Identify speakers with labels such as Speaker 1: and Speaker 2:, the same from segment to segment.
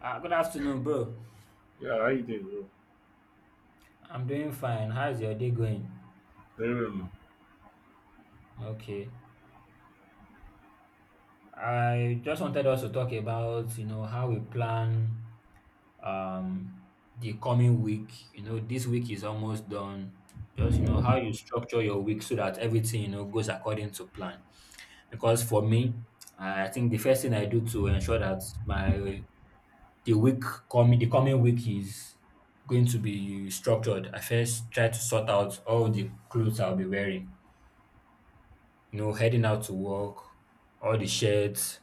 Speaker 1: Good afternoon, bro.
Speaker 2: Yeah, how you doing, bro?
Speaker 1: I'm doing fine. How's your day going?
Speaker 2: Very well, man.
Speaker 1: Okay. I just wanted us to talk about how we plan um the coming week. This week is almost done. Just how you structure your week so that everything goes according to plan. Because for me, I think the first thing I do to ensure that my the week coming the coming week is going to be structured. I first try to sort out all the clothes I'll be wearing heading out to work, all the shirts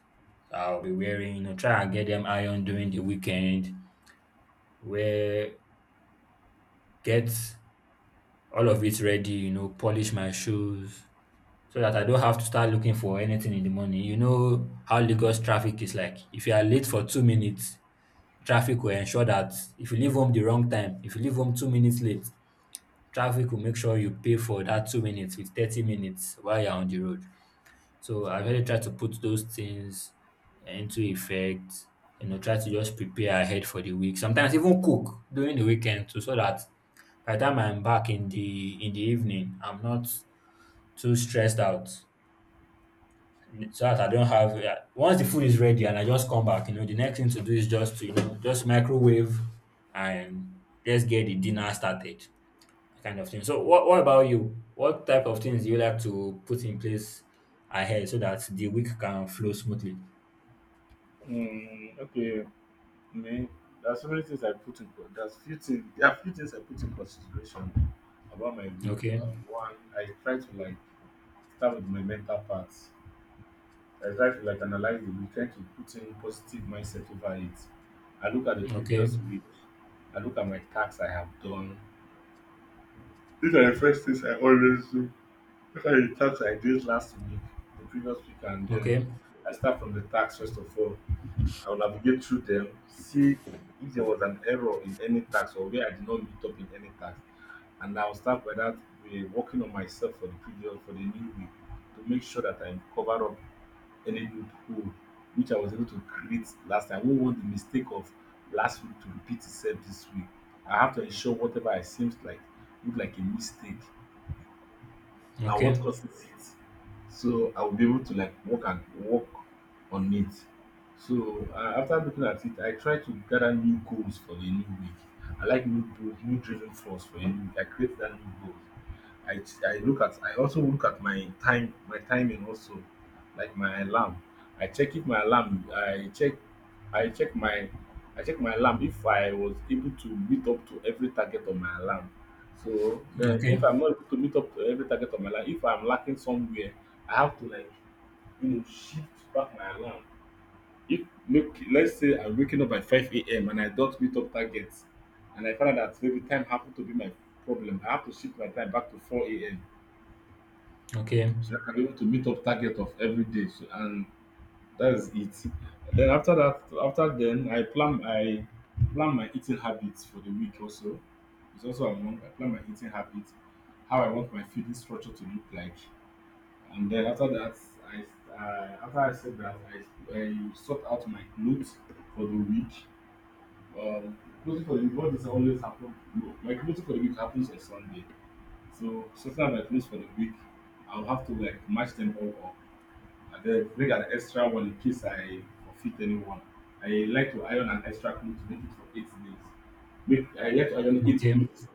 Speaker 1: I'll be wearing try and get them ironed during the weekend, wear, get all of it ready polish my shoes so that I don't have to start looking for anything in the morning. You know how Lagos traffic is like. If you are late for 2 minutes, traffic will ensure that if you leave home the wrong time, if you leave home 2 minutes late, traffic will make sure you pay for that 2 minutes with 30 minutes while you're on the road. So I really try to put those things into effect try to just prepare ahead for the week. Sometimes even cook during the weekend too, so that by the time I'm back in the evening, I'm not too stressed out. So that I don't have. Yeah, once the food is ready and I just come back the next thing to do is just to just microwave and just get the dinner started kind of thing. So what about you? What type of things do you like to put in place ahead so that the week can flow smoothly?
Speaker 2: Mm, okay, me. There are so many things I put in. There are few things I put in consideration about my week.
Speaker 1: Okay.
Speaker 2: One, I try to like start with my mental parts. I try to like analyze the week, try to put in positive mindset over it. I look at the
Speaker 1: Okay.
Speaker 2: previous week. I look at my tasks I have done. These are the first things I always do. Look at the tasks I did last week, the previous week, and then
Speaker 1: Okay.
Speaker 2: I start from the tasks first of all. I will navigate through them, see if there was an error in any task or where I did not meet up in any task. And I'll start by that working on myself for the new week to make sure that I cover up any loophole which I was able to create last time. I won't want the mistake of last week to repeat itself this week. I have to ensure whatever I seems like look like a mistake and what
Speaker 1: Okay.
Speaker 2: causes it. So I will be able to like work and work on it. So after looking at it, I try to gather new goals for the new week. I like new goals, new driven force for the new week. I create that new goals. I, I look at I also look at my time my timing also like my alarm. I check if my alarm I check my I check my alarm if I was able to meet up to every target on my alarm so then, if
Speaker 1: Okay.
Speaker 2: I'm not able to meet up to every target of my life, if I'm lacking somewhere, I have to like shift back my alarm. If make let's say I'm waking up at 5 a.m. and I don't meet up targets, and I find out that maybe time happened to be my problem, I have to shift my time back to 4 a.m.
Speaker 1: Okay.
Speaker 2: so I can be able to meet up target of every day. So and that's it. Then after that, I plan my eating habits for the week. Also, it's also among I plan my eating habits, how I want my feeding structure to look like, and then after that, I after I said that I sort out my clothes for the week. Um, clothing for the week, what does always happen? No, my clothes for the week happens on Sunday. So sometimes I close for the week, I'll have to like match them all up and then bring an extra one in case I forfeit anyone. I like to iron an extra cloth to make it for 8 days. Make I like to iron eight
Speaker 1: Okay.
Speaker 2: clothes,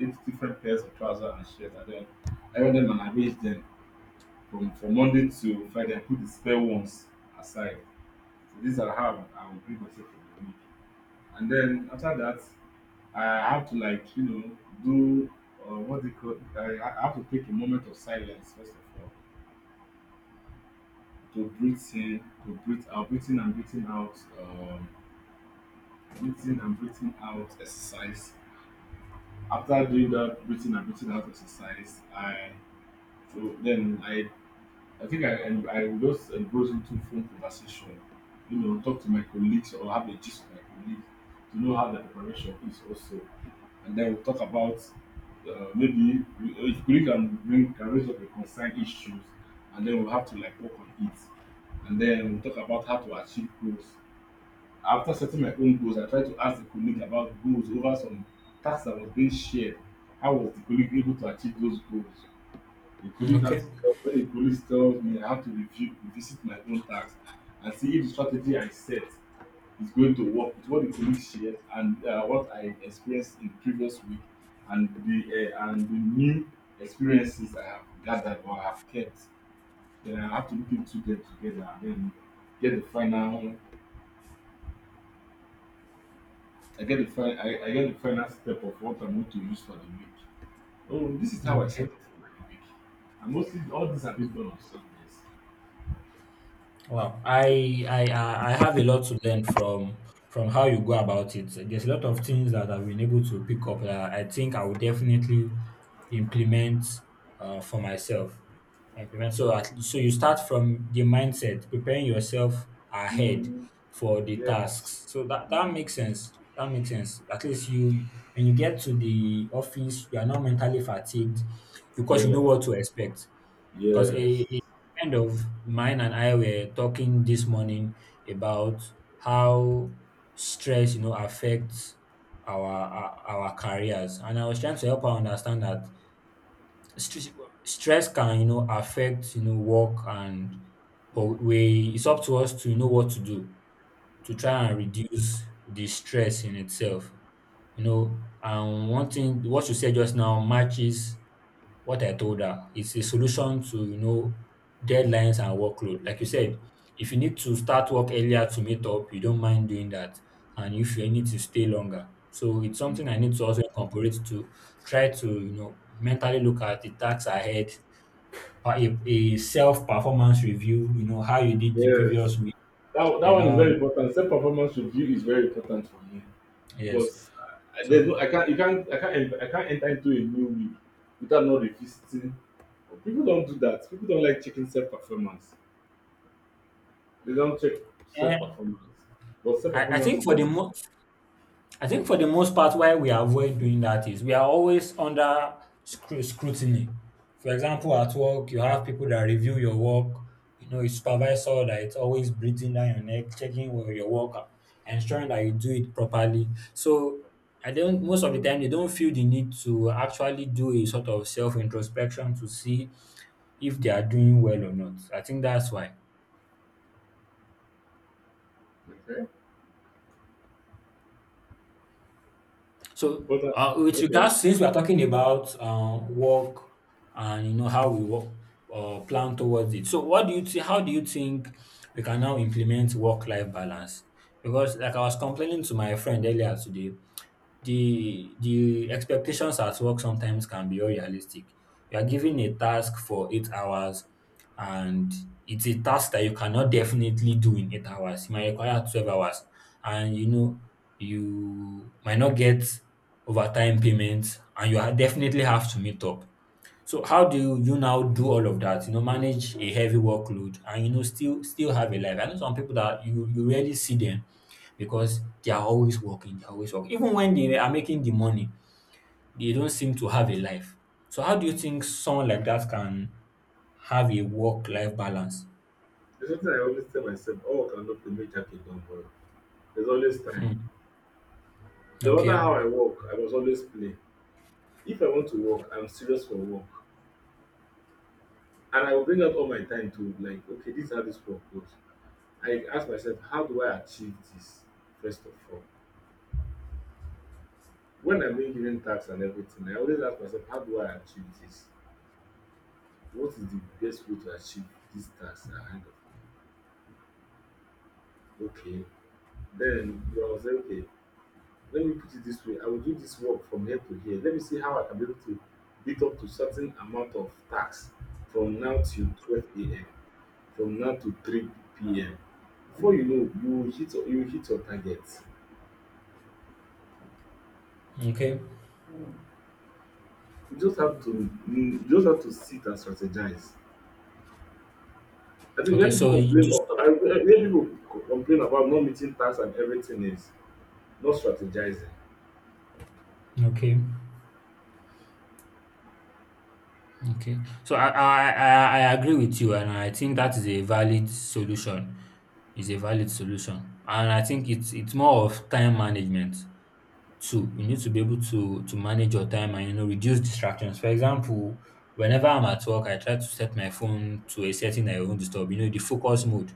Speaker 2: eight different pairs of trousers and shirt and then iron them and arrange them from Monday to Friday and put the spare ones aside. So these are how I will bring myself for the week. And then after that I have to like do what they call I have to take a moment of silence first of all to breathe in, to breathe out, breathing and breathing out, breathing and breathing out exercise. After doing that breathing and breathing out exercise, I so then I think I en- I will just engage into phone conversation, talk to my colleagues or have a gist with my colleagues to know how the preparation is also. And then we'll talk about if colleague can bring can raise up a concern issues and then we'll have to like work on it. And then we'll talk about how to achieve goals. After setting my own goals, I try to ask the colleague about goals over some tasks that was being shared. How was the colleague able to achieve those goals? The police has
Speaker 1: Okay.
Speaker 2: when the police tells me I have to revisit my own task and see if the strategy I set is going to work with what the colleague shared and what I experienced in the previous week and the new experiences I have gathered or have kept. Then I have to look into them together and then get the final I get the final I get the final step of what I'm going to use for the week. Oh, this is how I set
Speaker 1: Okay.
Speaker 2: up for my week. And mostly all these have been done on Sundays.
Speaker 1: Well, I have a lot to learn from how you go about it. There's a lot of things that I've been able to pick up that I think I will definitely implement for myself. So you start from the mindset, preparing yourself ahead
Speaker 2: Mm,
Speaker 1: for the
Speaker 2: yes.
Speaker 1: tasks. So that
Speaker 2: Mm.
Speaker 1: makes sense. That makes sense. At least you when you get to the office, you are not mentally fatigued because you know
Speaker 2: Yes.
Speaker 1: what to expect. Because a,
Speaker 2: Yes.
Speaker 1: a friend of mine and I were talking this morning about how stress affects our careers, and I was trying to help her understand that stress, stress can affect work and but we it's up to us to know what to do to try and reduce the stress in itself. And one thing what you said just now matches what I told her. It's a solution to deadlines and workload. Like you said, if you need to start work earlier to meet up, you don't mind doing that. And if you need to stay longer. So it's something I need to also incorporate to try to mentally look at the tasks ahead, a self performance review how you did the
Speaker 2: Yes.
Speaker 1: previous week.
Speaker 2: That
Speaker 1: Then
Speaker 2: one is
Speaker 1: now,
Speaker 2: very important. Self performance review is very important for me
Speaker 1: yes.
Speaker 2: because I, there's
Speaker 1: So
Speaker 2: no I can't you can't I can't enter into a new week without not revisiting. People don't do that. People don't like checking self performance. They don't check self
Speaker 1: eh,
Speaker 2: performance. But self
Speaker 1: I, I
Speaker 2: performance
Speaker 1: think
Speaker 2: is
Speaker 1: for the
Speaker 2: very
Speaker 1: mo- I think for the most part, why we avoid doing that is we are always under scrutiny. For example, at work, you have people that review your work. A supervisor that it's always breathing down your neck, checking where your work, are, ensuring that you do it properly. So I don't. Most of the time, they don't feel the need to actually do a sort of self introspection to see if they are doing well or not. I think that's why.
Speaker 2: important. Okay.
Speaker 1: So,
Speaker 2: But
Speaker 1: with
Speaker 2: okay.
Speaker 1: regards, since we are talking about work and how we work or plan towards it, so what do you think? How do you think we can now implement work-life balance? Because, like I was complaining to my friend earlier today, the expectations at work sometimes can be unrealistic. You are given a task for 8 hours, and it's a task that you cannot definitely do in 8 hours. It might require 12 hours, and you might not get overtime payments, and you definitely have to meet up. So how do you now do all of that? Manage a heavy workload and still have a life. I know some people that you rarely see them because they are always working, they are always working. Even when they are making the money, they don't seem to have a life. So how do you think someone like that can have a work-life balance?
Speaker 2: There's something I always tell myself, oh, I cannot play make jacket done well. There's always time.
Speaker 1: Hmm.
Speaker 2: No matter
Speaker 1: Okay.
Speaker 2: how I work, I must always play. If I want to work, I'm serious for work. And I will bring out all my time to like, okay, this is how this work goes. I ask myself, how do I achieve this? First of all, when I'm being given tasks and everything, I always ask myself, how do I achieve this? What is the best way to achieve this task ahead of me? Okay. Then you are say, okay, let me put it this way. I will do this work from here to here. Let me see how I can be able to beat up to certain amount of tasks from now till 12 a.m. from now to 3pm. Before you know, you will hit your target.
Speaker 1: Okay.
Speaker 2: You just have to sit and strategize. I think
Speaker 1: Okay.
Speaker 2: when
Speaker 1: So
Speaker 2: people
Speaker 1: you do
Speaker 2: complain of
Speaker 1: stop.
Speaker 2: I when people co- complain about not meeting tasks and everything is not strategizing.
Speaker 1: Okay. Okay. So I agree with you, and I think that is a valid solution. Is a valid solution, and I think it's more of time management too. You need to be able to manage your time and reduce distractions. For example, whenever I'm at work, I try to set my phone to a setting that it won't disturb. The focus mode,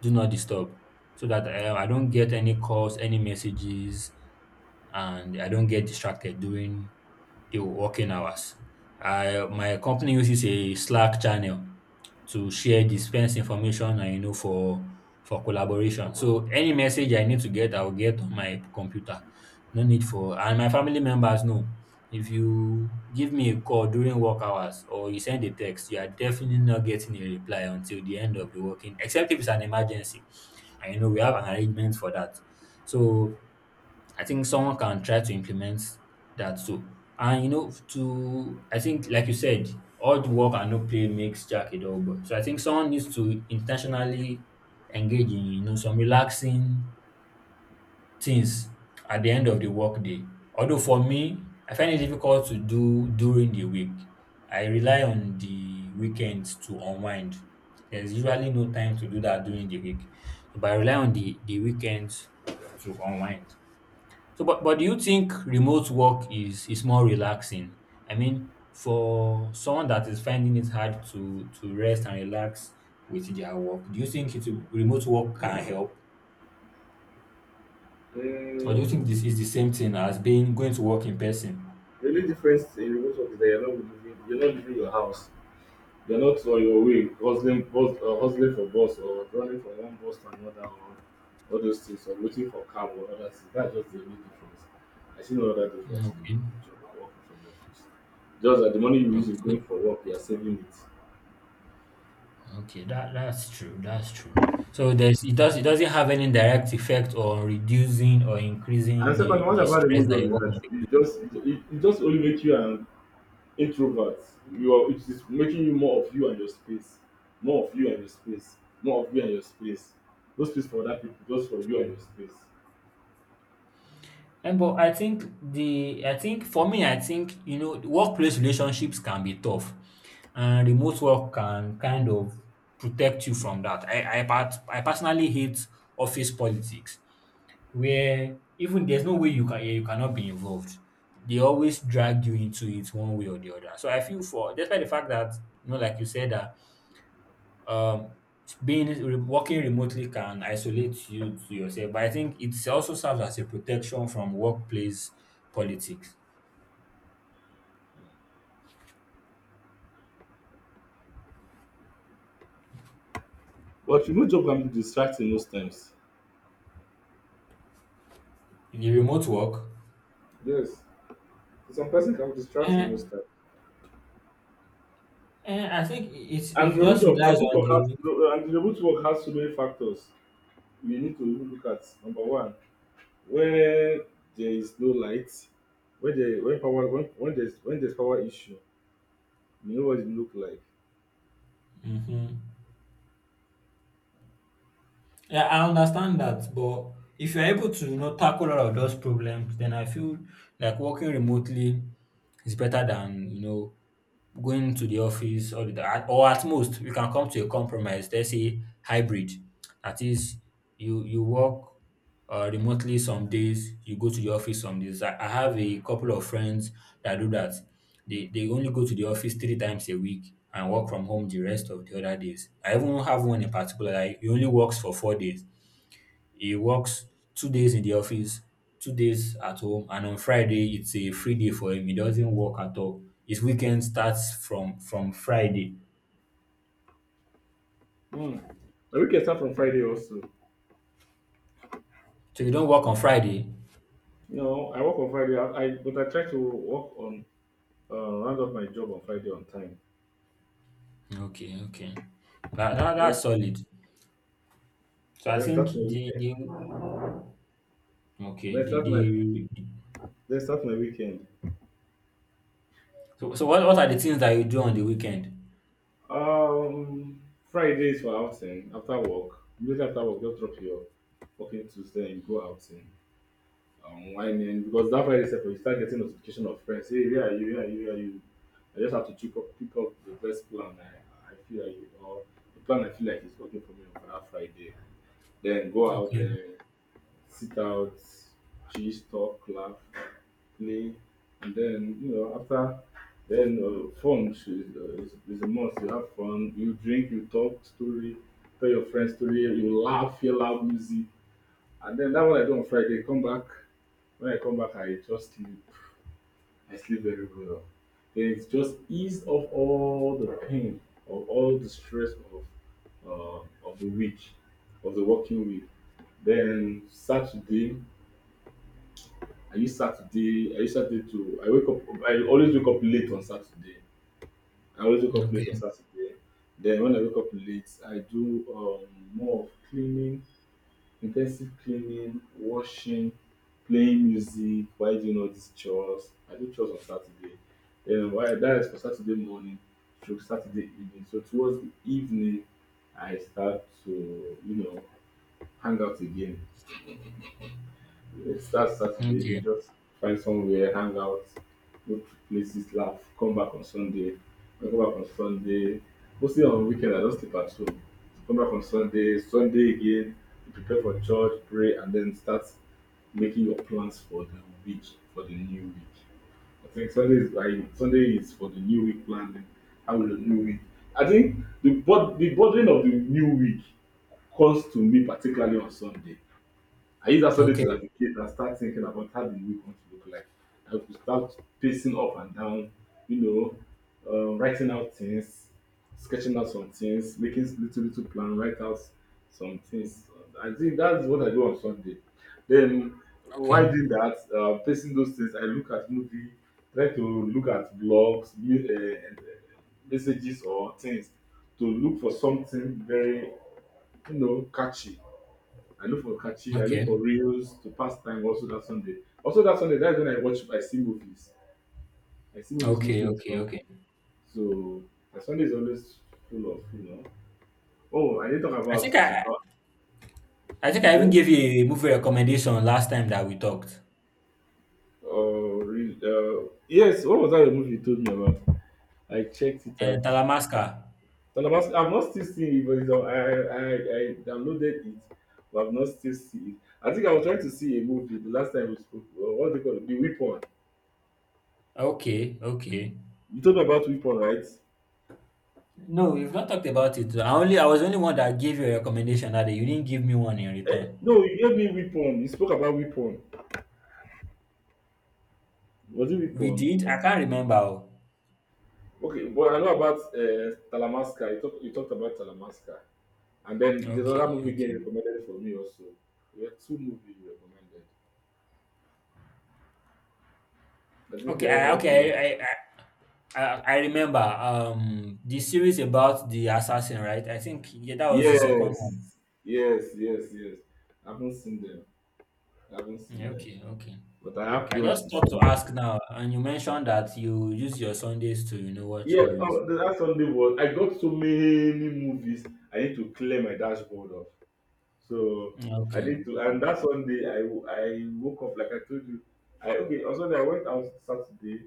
Speaker 1: do not disturb, so that I don't get any calls, any messages, and I don't get distracted during the working hours. My company uses a Slack channel to share dispense information and for collaboration. So any message I need to get, I'll get on my computer. No need for And my family members know. If you give me a call during work hours or you send a text, you are definitely not getting a reply until the end of the working, except if it's an emergency. And you know we have an arrangement for that. So I think someone can try to implement that too. And you know, to I think, like you said, hard work and no play makes Jack a dull boy. So I think someone needs to intentionally engage in some relaxing things at the end of the workday. Although for me, I find it difficult to do during the week. I rely on the weekends to unwind. There's usually no time to do that during the week. So, but I rely on the weekends to unwind. So, but do you think remote work is more relaxing? I mean, for someone that is finding it hard to rest and relax with their work, do you think remote work can help, or do you
Speaker 2: Mm,
Speaker 1: think this is the same thing as being going to work in person?
Speaker 2: the only difference in remote work is that you're not leaving your house. You're not on your way hustling for bus or running from one bus to another or all those things or waiting for cab or other things. That's just the only difference. I see no other
Speaker 1: Mm,
Speaker 2: difference in
Speaker 1: okay,
Speaker 2: the job and working from the office. Just that the money you use
Speaker 1: okay,
Speaker 2: in going for work, you are saving it.
Speaker 1: okay. That's true. That's true. So there's it doesn't have any direct effect on reducing or increasing
Speaker 2: And second,
Speaker 1: the
Speaker 2: what
Speaker 1: the
Speaker 2: about
Speaker 1: stress
Speaker 2: remote
Speaker 1: that
Speaker 2: job
Speaker 1: your
Speaker 2: is
Speaker 1: work might
Speaker 2: that
Speaker 1: be.
Speaker 2: it just only makes you an introvert. You are it is making you more of you and your space, more of you and your space, more of you and your space. No space for other people, just for you and your space.
Speaker 1: And but I think, for me, I think you know workplace relationships can be tough, and remote work can kind of protect you from that. I personally hate office politics, where even there's no way you can, yeah, you cannot be involved. They always drag you into it one way or the other. So I feel, for despite the fact that, you know, like you said, that um being working remotely can isolate you to yourself, but I think it also serves as a protection from workplace politics
Speaker 2: But remote job can be distracting most times.
Speaker 1: in the remote work,
Speaker 2: Yes, some person can be distracting most
Speaker 1: and
Speaker 2: time.
Speaker 1: I think it
Speaker 2: And remote
Speaker 1: just
Speaker 2: job,
Speaker 1: relies
Speaker 2: remote
Speaker 1: on
Speaker 2: work has
Speaker 1: the.
Speaker 2: no- and the remote work has so many factors we need to even look at. Number one, where there is no light, when there when power when there's power issue, you know what it look like.
Speaker 1: Mhm. Yeah, I understand that, but if you're able to tackle all of those problems, then I feel like working remotely. It's better than, going to the office all the time. Or at most, we can come to a compromise. Let's say hybrid. That is, you work remotely some days, you go to the office some days. I have a couple of friends that do that. They only go to the office 3 times a week and work from home the rest of the other days. I even have one in particular that he only works for 4 days. He works 2 days in the office, 2 days at home, and on Friday it's a free day for him. He doesn't work at all. His weekend starts from Friday.
Speaker 2: Hmm. But we can start from Friday also.
Speaker 1: So you don't work on Friday?
Speaker 2: You know, I work on Friday. I but I try to work on round up my job on Friday on time.
Speaker 1: Okay, okay. That, that
Speaker 2: Then
Speaker 1: that's solid. So I think
Speaker 2: start my weekend.
Speaker 1: the okay
Speaker 2: Then start my
Speaker 1: the
Speaker 2: then start my weekend.
Speaker 1: so what are the things that you do on the weekend?
Speaker 2: Fridays for outing after work. Immediately after work, just drop your working tools then you go outing. Whining because that Friday sef you start getting notification of friends. Hey, where are you? Where are you? Where are you? I just have to pick up the best plan I feel like or the plan I feel like is working for me for that Friday. Then go out
Speaker 1: Okay,
Speaker 2: there sit out, gist, talk, laugh, play, and then after then fun is a must. You have fun, you drink, you talk story, tell your friends story, you laugh, hear loud music, and then that what I do on Friday. Come back when I come back, I just sleep. I sleep very well. Then it just ease off all the pain of all the stress of the week, of the working week. Then Saturday, I use Saturday to I always wake up late on Saturday. I always wake up late on
Speaker 1: okay,
Speaker 2: Saturday. Then when I wake up late, I do more of cleaning, intensive cleaning, washing, playing music, while doing all these chores. I do chores on Saturday. Then why that is for Saturday morning to Saturday evening. So towards the evening I start to, hang out again. It starts Saturday. You
Speaker 1: okay,
Speaker 2: just find somewhere, hang out, go to places, laugh, come back on Sunday. When I come back on Sunday, mostly on weekend, I just sleep at home. So come back on Sunday, Sunday again, you prepare for church, pray, and then start making your plans for the week, for the new week. I think Sunday is like Sunday is for the new week planning. How will the new week? I think the burden of the new week comes to me particularly on Sunday. I use that Sunday to
Speaker 1: okay,
Speaker 2: navigate and start thinking about how the week wants to look like. I could start pacing up and down, you know, writing out things, sketching out some things, making little little plan, write out some things. I think that's what I do on Sunday. Then
Speaker 1: okay,
Speaker 2: while doing that, pacing those things, I look at movie, try to look at blogs, messages or things to look for something very, catchy. I look for catchy. I look for
Speaker 1: okay,
Speaker 2: reels to pass time. Also that Sunday. Also that Sunday. That's when I watch. I see movies. I see movies
Speaker 1: okay,
Speaker 2: mostly on
Speaker 1: okay, okay.
Speaker 2: Sunday. So Sunday is always full of. Oh, I didn't talk
Speaker 1: I
Speaker 2: about
Speaker 1: think
Speaker 2: uh,
Speaker 1: I even
Speaker 2: okay.
Speaker 1: gave you a movie recommendation last time that we talked.
Speaker 2: Yes. What was that a movie you told me about? I checked it
Speaker 1: And
Speaker 2: out.
Speaker 1: Talamasca.
Speaker 2: And I've not still seen it, but I downloaded it, but I've not still seen it. I think I was trying to see a movie the last time we spoke. What do you call it? The Weapon.
Speaker 1: Okay, okay.
Speaker 2: You told me about Weapon, right?
Speaker 1: No, we've not talked about it. I was the only one that gave you a recommendation that day. You didn't give me one in return.
Speaker 2: No, you gave me weapon. You spoke about weapon. Was it
Speaker 1: We
Speaker 2: weapon?
Speaker 1: did. I can't remember. Oh.
Speaker 2: Okay, but I know about Talamasca. You talked about Talamasca. And then there's
Speaker 1: Okay,
Speaker 2: another movie
Speaker 1: okay,
Speaker 2: again recommended for me also. There were two movies you recommended. I think
Speaker 1: okay. I,
Speaker 2: they're up to them.
Speaker 1: okay, I, I, I, I I remember. The series about the assassin, right? I think yeah, that was the second one.
Speaker 2: Yes, yes, yes, yes. I haven't seen them. I haven't seen
Speaker 1: Yeah,
Speaker 2: them.
Speaker 1: okay, okay,
Speaker 2: But I have
Speaker 1: okay. I
Speaker 2: plans
Speaker 1: just
Speaker 2: to
Speaker 1: thought to
Speaker 2: see them.
Speaker 1: ask now, and you mentioned that you use your Sundays to watch
Speaker 2: Yeah,
Speaker 1: movies.
Speaker 2: oh, the last Sunday was I got so many movies I need to clear my dashboard of. So I
Speaker 1: Okay,
Speaker 2: need to, and that Sunday I woke up like I told you. I Okay, on Sunday I went out Saturday,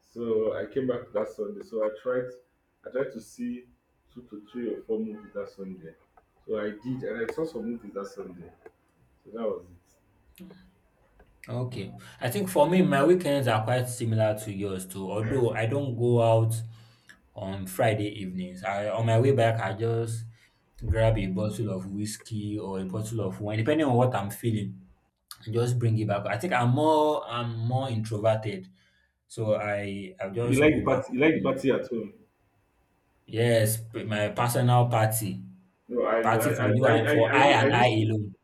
Speaker 2: so I came back that Sunday. So I tried to see two to three or four movies that Sunday. So I did, and I saw some movies that Sunday. So that was it.
Speaker 1: okay.
Speaker 2: Mm.
Speaker 1: I think for me, my weekends are quite similar to yours too, although I don't go out on Friday evenings. I On my way back, I just grab a bottle of whiskey or a bottle of wine, depending on what I'm feeling, and just bring it back. I think I'm more introverted. So I
Speaker 2: You
Speaker 1: just
Speaker 2: like
Speaker 1: go
Speaker 2: the
Speaker 1: back
Speaker 2: party? You like the
Speaker 1: home.
Speaker 2: party at home?
Speaker 1: Yes, my personal party.
Speaker 2: No,
Speaker 1: A
Speaker 2: I
Speaker 1: party
Speaker 2: I I
Speaker 1: for you
Speaker 2: I
Speaker 1: and
Speaker 2: I,
Speaker 1: for I
Speaker 2: I I
Speaker 1: and I
Speaker 2: used to.
Speaker 1: alone.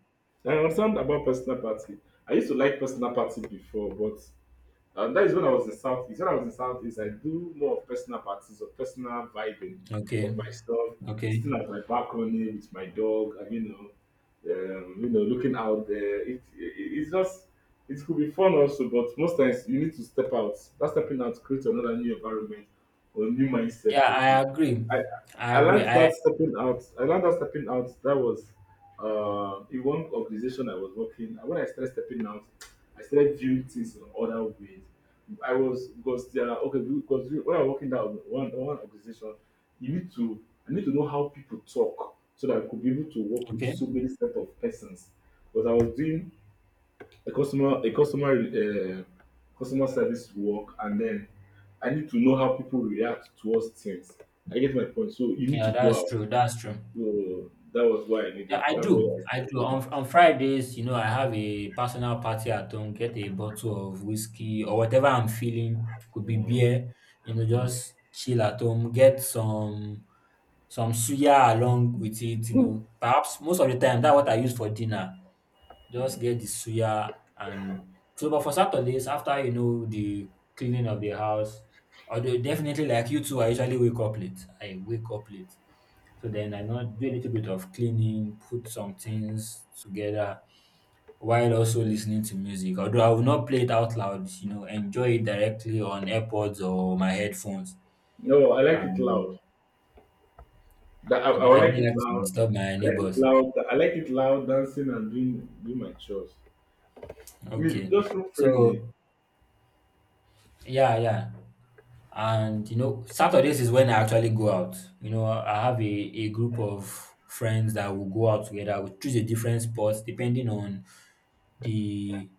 Speaker 2: I understand about personal party. I used to like personal party before, but that is when I was in Southeast. When I was in Southeast, I do more of personal parties or personal vibing of
Speaker 1: Okay.
Speaker 2: myself,
Speaker 1: Okay.
Speaker 2: sitting at my balcony with my dog, and looking out there. It's just it could be fun also, but most times you need to step out. That stepping out creates another new environment or new
Speaker 1: Yeah,
Speaker 2: mindset for
Speaker 1: I
Speaker 2: you.
Speaker 1: agree.
Speaker 2: I
Speaker 1: I
Speaker 2: I
Speaker 1: agree.
Speaker 2: learned that
Speaker 1: I
Speaker 2: stepping out. I learned that stepping out. That was in one organization I was working. When I started stepping out. I started viewing things in other ways. I was because there are okay because when I'm working down one organization, you need to I need to know how people talk so that I could be able to work with
Speaker 1: Okay.
Speaker 2: so many set of persons. Because I was doing a customer customer service work and then I need to know how people react towards things. I get my point. So you need
Speaker 1: Yeah,
Speaker 2: to go
Speaker 1: that's
Speaker 2: out.
Speaker 1: true. That's true.
Speaker 2: So that was why I
Speaker 1: Yeah,
Speaker 2: needed.
Speaker 1: I
Speaker 2: That's why
Speaker 1: do.
Speaker 2: I
Speaker 1: I
Speaker 2: started
Speaker 1: do.
Speaker 2: going
Speaker 1: On
Speaker 2: out.
Speaker 1: on Fridays, I have a personal party at home, get a bottle of whiskey or whatever I'm feeling, could be
Speaker 2: Mm,
Speaker 1: beer,
Speaker 2: mm.
Speaker 1: just chill at home, get some suya along with it. Perhaps most of the time that's what I use for dinner. Just get the suya and so but for Saturdays, after the cleaning of the house, although definitely like you two, I usually wake up late. I wake up late. So then I now do a little bit of cleaning, put some things together while also listening to music. Although I will not play it out loud, enjoy it directly on AirPods or my headphones.
Speaker 2: No, I like it loud.
Speaker 1: Um, I
Speaker 2: I
Speaker 1: don't,
Speaker 2: would
Speaker 1: I
Speaker 2: like
Speaker 1: don't
Speaker 2: it
Speaker 1: like to
Speaker 2: loud.
Speaker 1: disturb my
Speaker 2: I like it
Speaker 1: neighbors.
Speaker 2: loud. I like it loud dancing and doing my chores. I mean,
Speaker 1: Okay.
Speaker 2: just look friendly.
Speaker 1: So yeah, yeah. And Saturdays is when I actually go out. I have a group of friends that will go out together. We choose a different spot depending on the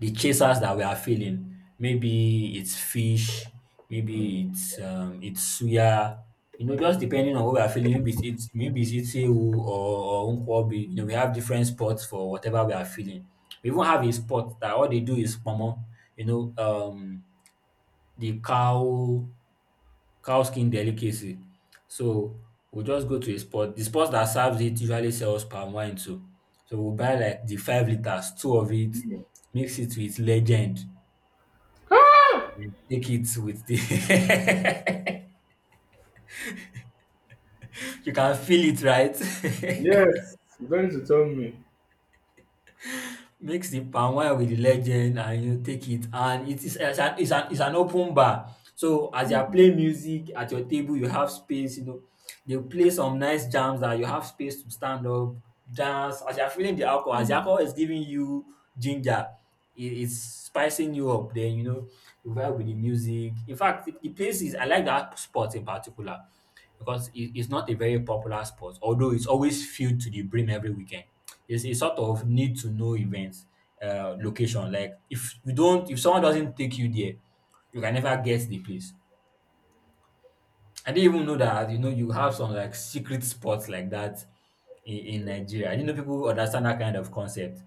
Speaker 1: the chasers that we are feeling. Maybe it's fish, maybe it's suya. You know, just depending on what we are feeling. Maybe it's Itzehu or Nkwobi. We have different spots for whatever we are feeling. We even have a spot that all they do is pomo. You know, um, the cow skin delicacy. So we'll just go to a spot. The spot that serves it usually sells palm wine too. So we'll buy like the 5 liters, two of it,
Speaker 2: You know.
Speaker 1: mix it with legend. You take it with the you can feel it, right?
Speaker 2: Yes, you don't need to tell me.
Speaker 1: Mix the palm wine with the legend and you take it. And it is it's an, it's an, it's an open bar. So as you are
Speaker 2: Mhm,
Speaker 1: playing music at your table, you have space, they play some nice jams that you have space to stand up, dance. As you are feeling the alcohol, as the
Speaker 2: mhm.
Speaker 1: alcohol is giving you ginger, it's spicing you up. Then, you vibe with the music. In fact, the places, I like that spot in particular because it's not a very popular sport, although it's always filled to the brim every weekend. It's a sort of need to know events, location. Like if someone doesn't take you there, you can never get the place. I didn't even know that you have some like secret spots like that in Nigeria. I didn't know people understand that kind of concept.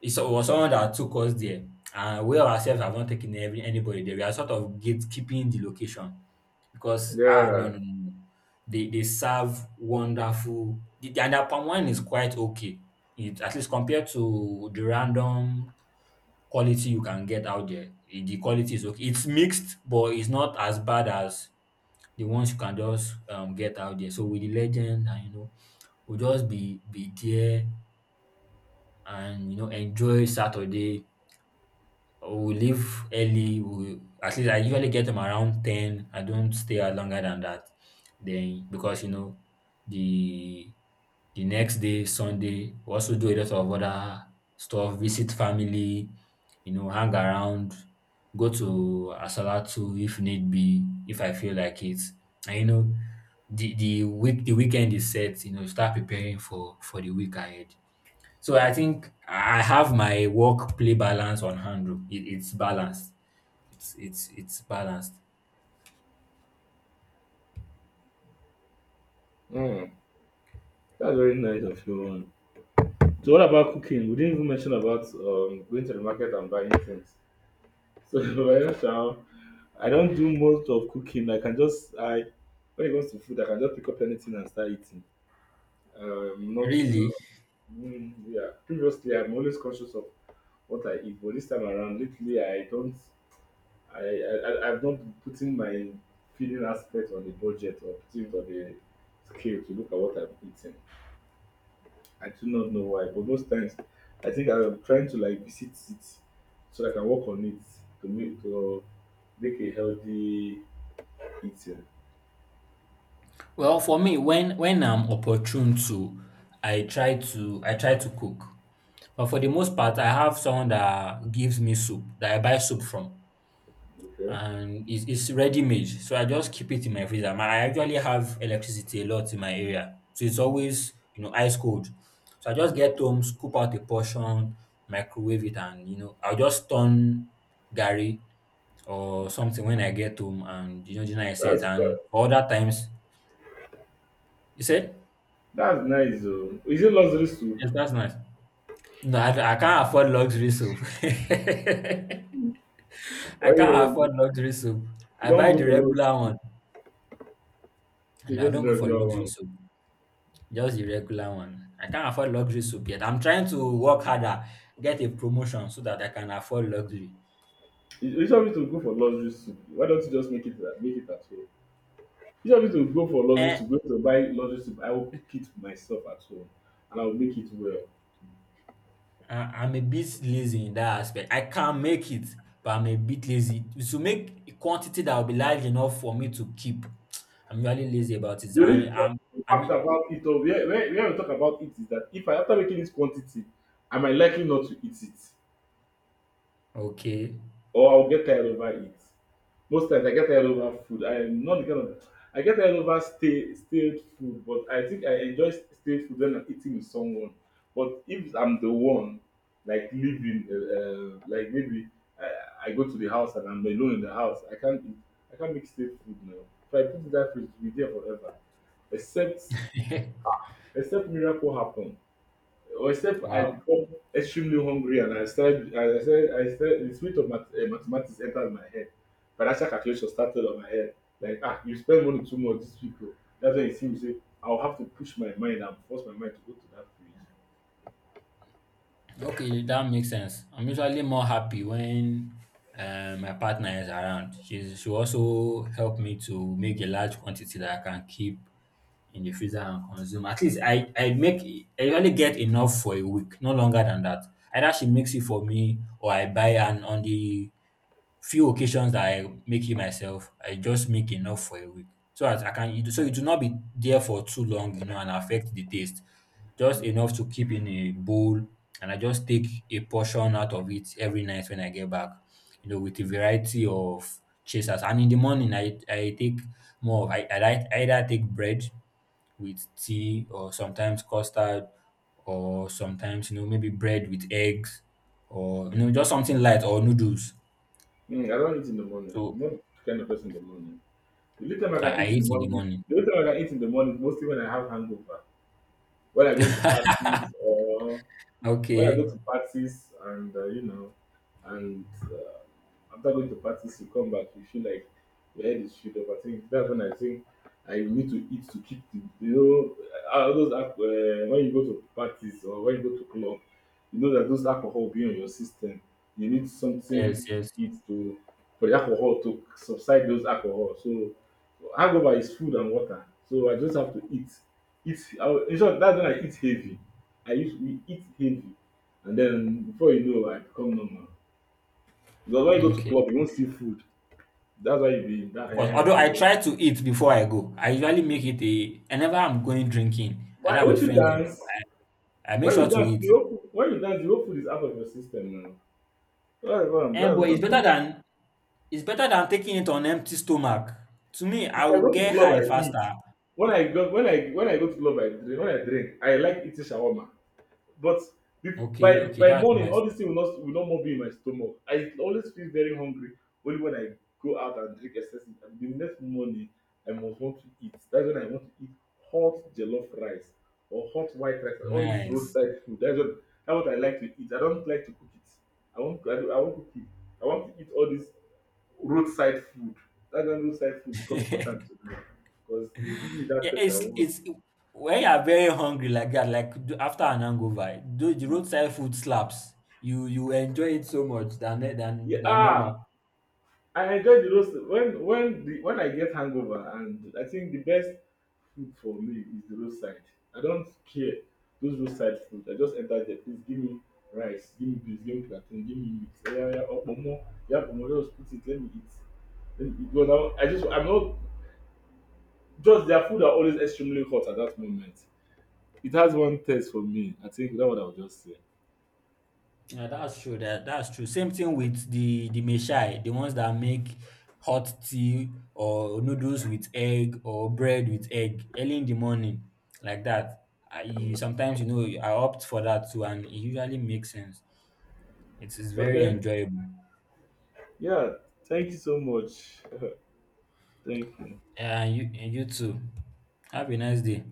Speaker 1: It was someone that took us there, and we ourselves have not taken every anybody there. We are sort of gatekeeping the location because no,
Speaker 2: Yeah,
Speaker 1: no, no, no. They serve wonderful the and their palm wine is quite okay. It at least compared to the random quality you can get out there, the quality is okay. It's mixed, but it's not as bad as the ones you can just get out there. So with the legend and we'll just be there and enjoy Saturday. We leave early. We At least I usually get them around 10. I don't stay out longer than that. Then because the the next day Sunday we also do a lot of other stuff. Visit family, hang around, go to Asalatu if need be, if I feel like it. And the weekend is set. Start preparing for the week ahead. So I think I have my work play balance on handle. It's balanced. It's balanced.
Speaker 2: mm. That's very nice of you, man. So, what about cooking? We didn't even mention about going to the market and buying things. So, by shall I don't do most of cooking. I can just I when it comes to food, I can just pick up anything and start eating. Not
Speaker 1: Really?
Speaker 2: mm, yeah. Previously, I'm always conscious of what I eat. But this time around, lately, I don't. I've not been putting my feeding aspect on the budget or putting it on the scale to look at what I'm eating. I do not know why, but most times, I think I'm trying to like visit it so I can work on it to make a healthy eating.
Speaker 1: Well, for me, when I'm opportune to, I try to cook. But for the most part, I have someone that gives me soup that I buy soup from.
Speaker 2: Okay,
Speaker 1: And it's ready made, so I just keep it in my freezer. I actually have electricity a lot in my area, so it's always ice cold, so I just get home, scoop out a portion, microwave it, and I'll just turn gary or something when I get home, and gina I set.
Speaker 2: that's
Speaker 1: And
Speaker 2: that,
Speaker 1: for other times you said
Speaker 2: that's nice though. Is it luxury soup?
Speaker 1: yes that's nice. No, I can't afford luxury soap. I
Speaker 2: Why
Speaker 1: can't afford
Speaker 2: you
Speaker 1: luxury soap.
Speaker 2: you
Speaker 1: I
Speaker 2: don't
Speaker 1: buy
Speaker 2: go
Speaker 1: the
Speaker 2: for luxury
Speaker 1: regular one
Speaker 2: soup? You
Speaker 1: and I
Speaker 2: just
Speaker 1: don't
Speaker 2: do
Speaker 1: go for
Speaker 2: regular
Speaker 1: luxury
Speaker 2: one.
Speaker 1: soap. Just the regular one. I can't afford luxury soup yet. I'm trying to work harder, get a promotion so that I can afford luxury.
Speaker 2: You want me to go for luxury soup. Why don't you just make it at home? You just want me to go for luxury
Speaker 1: Eh,
Speaker 2: soup, go to buy luxury soup. I will cook it myself at home and I will make it well.
Speaker 1: I- I'm a bit lazy in that aspect. I can make it, but I'm a bit lazy. To make a quantity that will be large enough for me to keep, I'm really lazy about it.
Speaker 2: The only fa- fact
Speaker 1: I'm
Speaker 2: about it all, where we talk about it is that if I after making this quantity, I might likely not to eat it
Speaker 1: okay.
Speaker 2: or I'll get tired over it. Most times I get tired over food. I am not the kind of I get tired over stay stale food, but I think I enjoy stale food when I'm eating with someone. But if I'm the one like living, like maybe I go to the house and I'm alone in the house, I can't eat, I can't make stale food now. If I put it in that fridge, it will be there forever. Except except miracle happen except I
Speaker 1: Wow.
Speaker 2: become extremely hungry and I started, I said, the spirit of mathematics entered my head. Financial calculation started on my head. Like, ah, you spend money too much, these people. That's when you see me say, I'll have to push my mind and force my mind to go to that place.
Speaker 1: Okay, that makes sense. I'm usually more happy when my partner is around. She also helped me to make a large quantity that I can keep in the freezer and consume. At least I usually get enough for a week, no longer than that. Either she makes it for me or I buy, and on the few occasions that I make it myself, I just make enough for a week. So as I can it so it will not be there for too long, and affect the taste. Just
Speaker 2: Mm.
Speaker 1: enough to keep in a bowl and I just take a portion out of it every night when I get back, with a variety of chasers. And in the morning I take more of I either take bread with tea or sometimes custard or sometimes maybe bread with eggs or just something light or noodles.
Speaker 2: Mm, I don't eat in the morning.
Speaker 1: So
Speaker 2: I'm not the kind of person in the morning. The little time I
Speaker 1: I,
Speaker 2: can
Speaker 1: I
Speaker 2: eat in the
Speaker 1: eat in the
Speaker 2: morning,
Speaker 1: morning.
Speaker 2: the little time I can eat in the morning is mostly when I have hangover. When I go to parties or when I go
Speaker 1: Okay.
Speaker 2: to parties and, you know, and after going to parties, you come back, you feel like your head is filled up. I think that's when I think I need to eat to keep the, you know, all those, when you go to parties or when you go to club, you know that those alcohol being on your system, you need something
Speaker 1: Yes,
Speaker 2: to
Speaker 1: yes.
Speaker 2: eat to, for the alcohol to subside those alcohol. So hangover is food and water. So I just have to eat. Eat. In short, that's when I eat heavy. I used to eat heavy. And then before you know, I become normal. Because when you go to
Speaker 1: Okay.
Speaker 2: club, you won't see food. That's why you be that.
Speaker 1: Because
Speaker 2: Eh,
Speaker 1: although I
Speaker 2: so
Speaker 1: try to eat before I go, I usually make it a whenever I'm going drinking,
Speaker 2: why
Speaker 1: either with
Speaker 2: won't you
Speaker 1: friends or people,
Speaker 2: dance?
Speaker 1: I make
Speaker 2: When
Speaker 1: sure
Speaker 2: you
Speaker 1: to
Speaker 2: dance,
Speaker 1: eat.
Speaker 2: the whole food, when you dance, the whole food is out of your system now.
Speaker 1: And but
Speaker 2: That's what
Speaker 1: it's
Speaker 2: I'm
Speaker 1: better
Speaker 2: saying.
Speaker 1: than it's better than taking it on empty stomach. To me,
Speaker 2: If
Speaker 1: I
Speaker 2: I
Speaker 1: will
Speaker 2: go to
Speaker 1: get
Speaker 2: club,
Speaker 1: high
Speaker 2: I eat.
Speaker 1: faster.
Speaker 2: When I go to club, I drink. When I drink, I like eating shawarma. But
Speaker 1: Okay, okay,
Speaker 2: by
Speaker 1: that's
Speaker 2: morning,
Speaker 1: nice.
Speaker 2: all this thing will not more be in my stomach. I always feel very hungry only when I go out and drink excessive. And the next morning, I must want to eat. That's when I want to eat hot jollof rice or hot white rice. All this
Speaker 1: Nice.
Speaker 2: roadside food. That's what I like to eat. I don't like to cook it. I want I, don't- I want to cook it. I want to eat all this roadside food. That's when roadside food become important to me because they give me that
Speaker 1: Yeah,
Speaker 2: taste I
Speaker 1: it's
Speaker 2: want.
Speaker 1: it's when you are very hungry like that, like after
Speaker 2: Mm.
Speaker 1: an hangover, do the
Speaker 2: Mm.
Speaker 1: roadside food slaps. You enjoy it so much than than
Speaker 2: Yeah,
Speaker 1: than normal.
Speaker 2: ah, I enjoy the roast when the when I get hangover and I think the best food for me is the roadside. I don't care those roadside food. I just enter there. Please give me rice, give me beans, give me plantain, give me meat. Oh, yeah, yeah, oh pomo. Yeah, pomo. Just put it. Let me eat. Let me eat. Because I just I'm not just their food are always extremely hot at that moment. It has one taste for me. I think that's what I'll just say.
Speaker 1: Yeah, that's true. That's true. Same thing with the meshai, the ones that make hot tea or noodles with egg or bread with egg early in the morning, like that. I you,
Speaker 2: Mm.
Speaker 1: sometimes I opt for that too, and it usually makes sense. It is very
Speaker 2: Okay.
Speaker 1: enjoyable.
Speaker 2: Yeah. Thank you so much. Thank you.
Speaker 1: Yeah, and you too. Have a nice day.